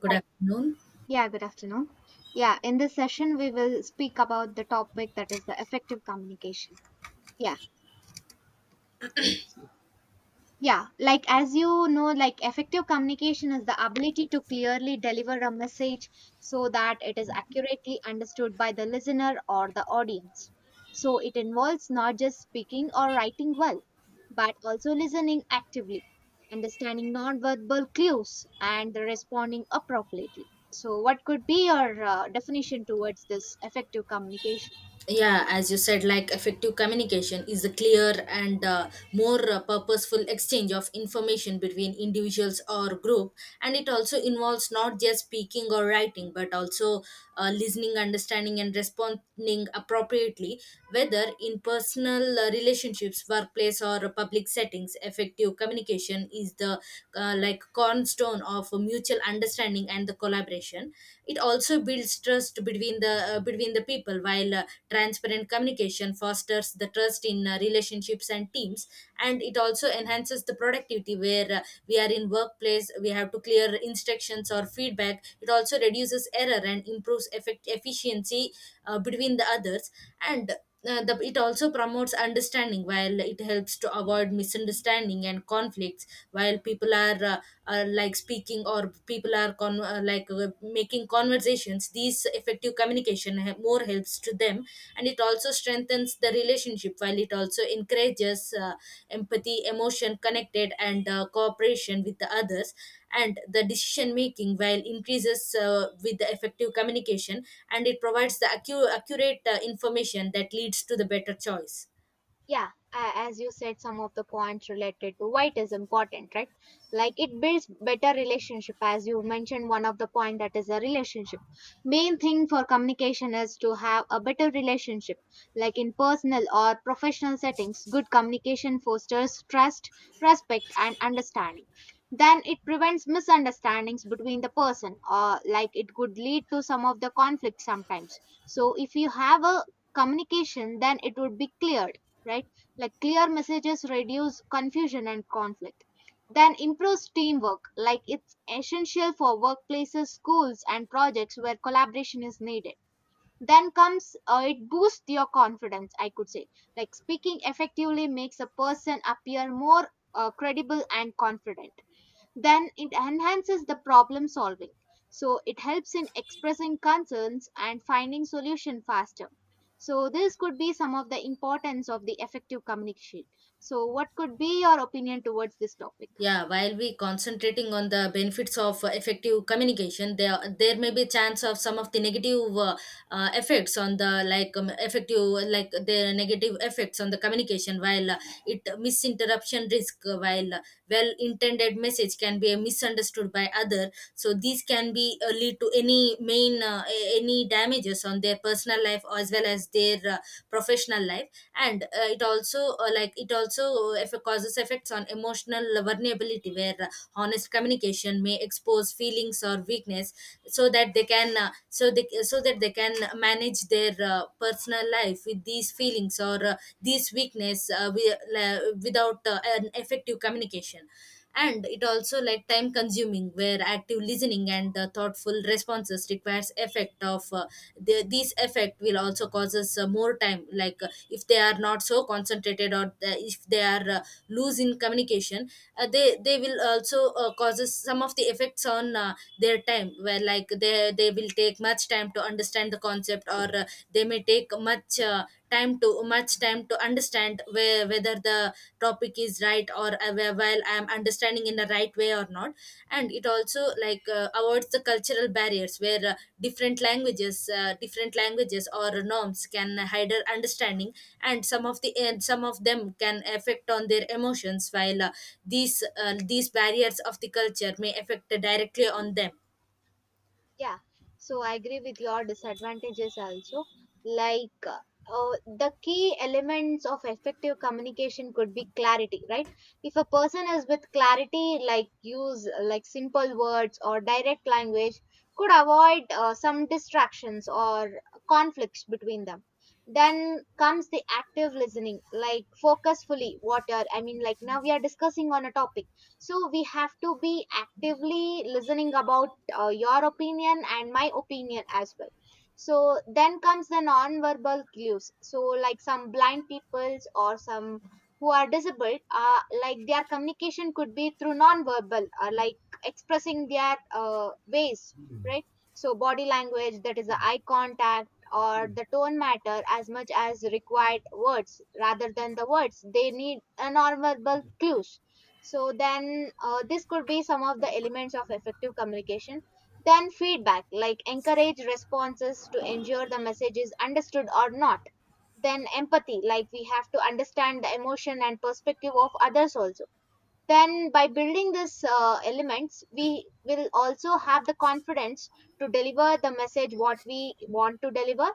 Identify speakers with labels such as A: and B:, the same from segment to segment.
A: Good
B: Hi.
A: afternoon.
B: Yeah, good afternoon. Yeah, in this session, we will speak about the topic that is the effective communication. Yeah. Yeah, like as you know, like effective communication is the ability to clearly deliver a message so that it is accurately understood by the listener or the audience. So it involves not just speaking or writing well, but also listening actively, understanding nonverbal cues, and responding appropriately. So, what could be your definition towards this effective communication?
A: Yeah, as you said, effective communication is a clear and more purposeful exchange of information between individuals or group, and it also involves not just speaking or writing but also listening, understanding, and responding appropriately, whether in personal relationships, workplace, or public settings. Effective communication is the cornerstone of mutual understanding and the collaboration. It also builds trust between the people. While transparent communication fosters the trust in relationships and teams, and it also enhances the productivity where we are in workplace, we have to clear instructions or feedback. It also reduces error and improves effect efficiency between the others. And it also promotes understanding, while it helps to avoid misunderstanding and conflicts while people are like speaking, or people are making conversations. These effective communication more helps to them, and it also strengthens the relationship, while it also encourages empathy, emotion connected, and cooperation with the others. And the decision making while increases with the effective communication, and it provides the accurate information that leads to the better choice.
B: Yeah, as you said, some of the points related to white is important, right? Like it builds better relationship, as you mentioned one of the point, that is a relationship. Main thing for communication is to have a better relationship, like in personal or professional settings, good communication fosters trust, respect, and understanding. Then it prevents misunderstandings between the person, or like it could lead to some of the conflict sometimes. So if you have a communication, then it would be clear, right? Like clear messages reduce confusion and conflict. Then improves teamwork, like it's essential for workplaces, schools, and projects where collaboration is needed. Then comes it boosts your confidence, I could say. Like speaking effectively makes a person appear more credible and confident. Then it enhances the problem solving. So it helps in expressing concerns and finding solution faster. So this could be some of the importance of the effective communication. So what could be your opinion towards this topic?
A: Yeah, while we concentrating on the benefits of effective communication, there may be chance of some of the negative effects on the effective, like the negative effects on the communication. While it misinterruption risk, while well intended message can be misunderstood by other, so these can be lead to any main any damages on their personal life as well as their professional life. And It also if causes effects on emotional vulnerability, where honest communication may expose feelings or weakness, so that they can so that they can manage their personal life with these feelings or these weakness without an effective communication. And it also like time consuming, where active listening and thoughtful responses requires effect of these effect will also causes more time. Like if they are not so concentrated, if they are loose in communication, they will also causes some of the effects on their time, where like they will take much time to understand the concept, or they may take much time to much time to understand whether the topic is right, or while I am understanding in the right way or not. And it also like avoids the cultural barriers, where different languages or norms can hide our understanding, and some of them can affect on their emotions, while these barriers of the culture may affect directly on them.
B: Yeah, so I agree with your disadvantages also. Like the key elements of effective communication could be clarity, right? If a person is with clarity, like use like simple words or direct language, could avoid some distractions or conflicts between them. Then comes the active listening, like focus fully what you're, I mean, like now we are discussing on a topic, so we have to be actively listening about your opinion and my opinion as well. So then comes the non-verbal clues. So like some blind peoples or some who are disabled, like their communication could be through non-verbal or like expressing their ways, right? So body language, that is the eye contact or the tone, matter as much as required words rather than the words. They need a non-verbal clues. So then this could be some of the elements of effective communication. Then feedback, like encourage responses to ensure the message is understood or not. Then empathy, like we have to understand the emotion and perspective of others also. Then by building these elements, we will also have the confidence to deliver the message what we want to deliver,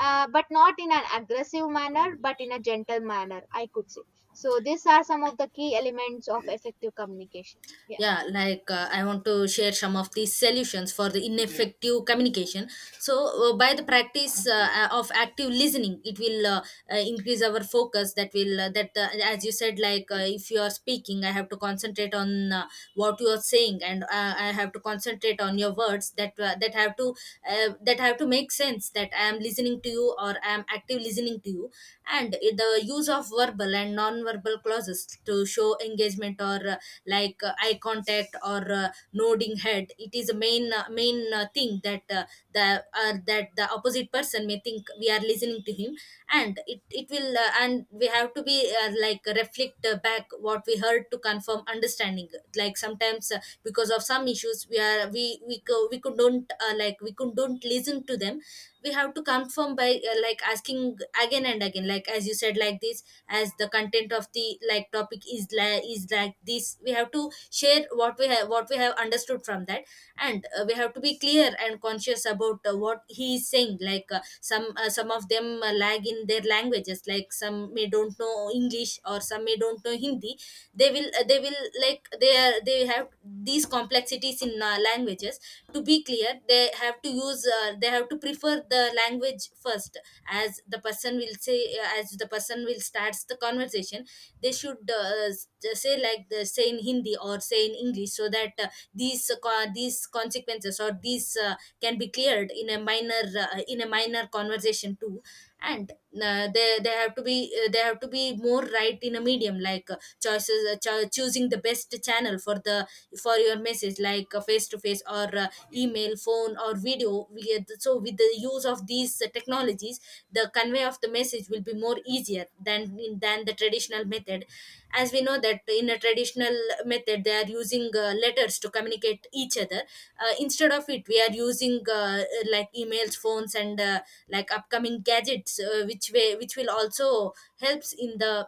B: but not in an aggressive manner but in a gentle manner, I could say. So these are some of the key elements of effective communication. Yeah.
A: Yeah, I want to share some of the solutions for the ineffective communication. So by the practice of active listening, it will increase our focus. That will that As you said, if you are speaking, I have to concentrate on what you are saying, and I have to concentrate on your words, that have to make sense, that I am listening to you or I am active listening to you. And the use of verbal and non-verbal clauses to show engagement, or eye contact or nodding head, it is a main thing that the that the opposite person may think we are listening to him. And it will and we have to be reflect back what we heard to confirm understanding. Like sometimes because of some issues, we are we, co- we could don't we could don't listen to them. We have to confirm by asking again and again, like as you said, like this as the content of the topic is like this. We have to share what we have understood from that. And we have to be clear and conscious about what he is saying. Some of them lag in their languages, like some may don't know english, or some may don't know hindi. They will like they are, they have these complexities in languages. To be clear, they have to use they have to prefer the language first, as the person will say, as the person will starts the conversation. They should say like the say in hindi or say in english, so that these consequences or these can be cleared in a minor conversation too. And they have to be they have to be more right in a medium, like choices. Choosing the best channel for the for your message, like face to face, or email, phone, or video we get. So with the use of these technologies, the convey of the message will be more easier than the traditional method. As we know that in a traditional method, they are using letters to communicate each other. Instead of it, we are using emails, phones, and upcoming gadgets, which will also helps in the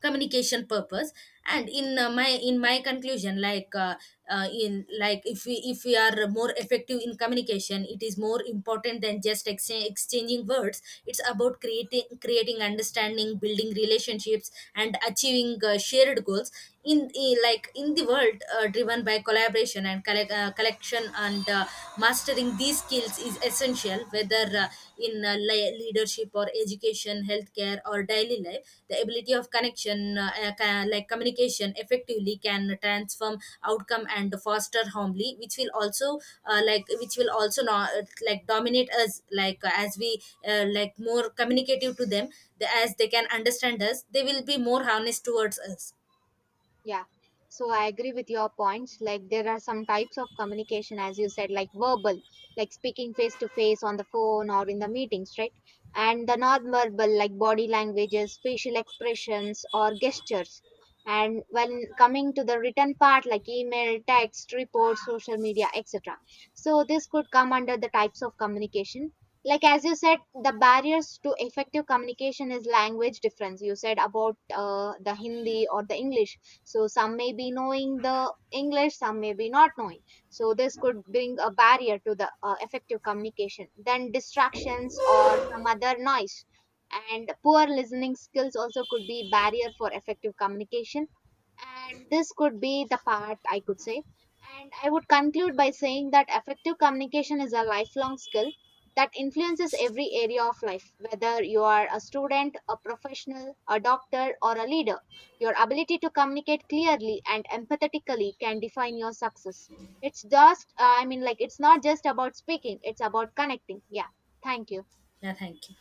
A: communication purpose. And in my conclusion, like in like if we are more effective in communication, it is more important than just exchanging words. It's about creating understanding, building relationships, and achieving shared goals. In the world driven by collaboration and collection and mastering these skills is essential, whether leadership or education, healthcare, or daily life. The ability of connection ca- like communication effectively can transform outcome and foster harmony, which will also which will also not like dominate us, as we more communicative to them. As they can understand us, they will be more honest towards us.
B: Yeah. So I agree with your points. Like there are some types of communication, as you said, like verbal, like speaking face to face on the phone or in the meetings, right? And the non-verbal, like body languages, facial expressions, or gestures. And when coming to the written part, like email, text, reports, social media, etc. So this could come under the types of communication. Like as you said, the barriers to effective communication is language difference. You said about the Hindi or the English. So some may be knowing the English, some may be not knowing. So this could bring a barrier to the effective communication. Then distractions or some other noise, and poor listening skills also could be barrier for effective communication. And this could be the part, I could say. And I would conclude by saying that effective communication is a lifelong skill that influences every area of life. Whether you are a student, a professional, a doctor, or a leader, your ability to communicate clearly and empathetically can define your success. It's just, I mean, like, it's not just about speaking, it's about connecting. Yeah. Thank you.
A: Yeah, thank you.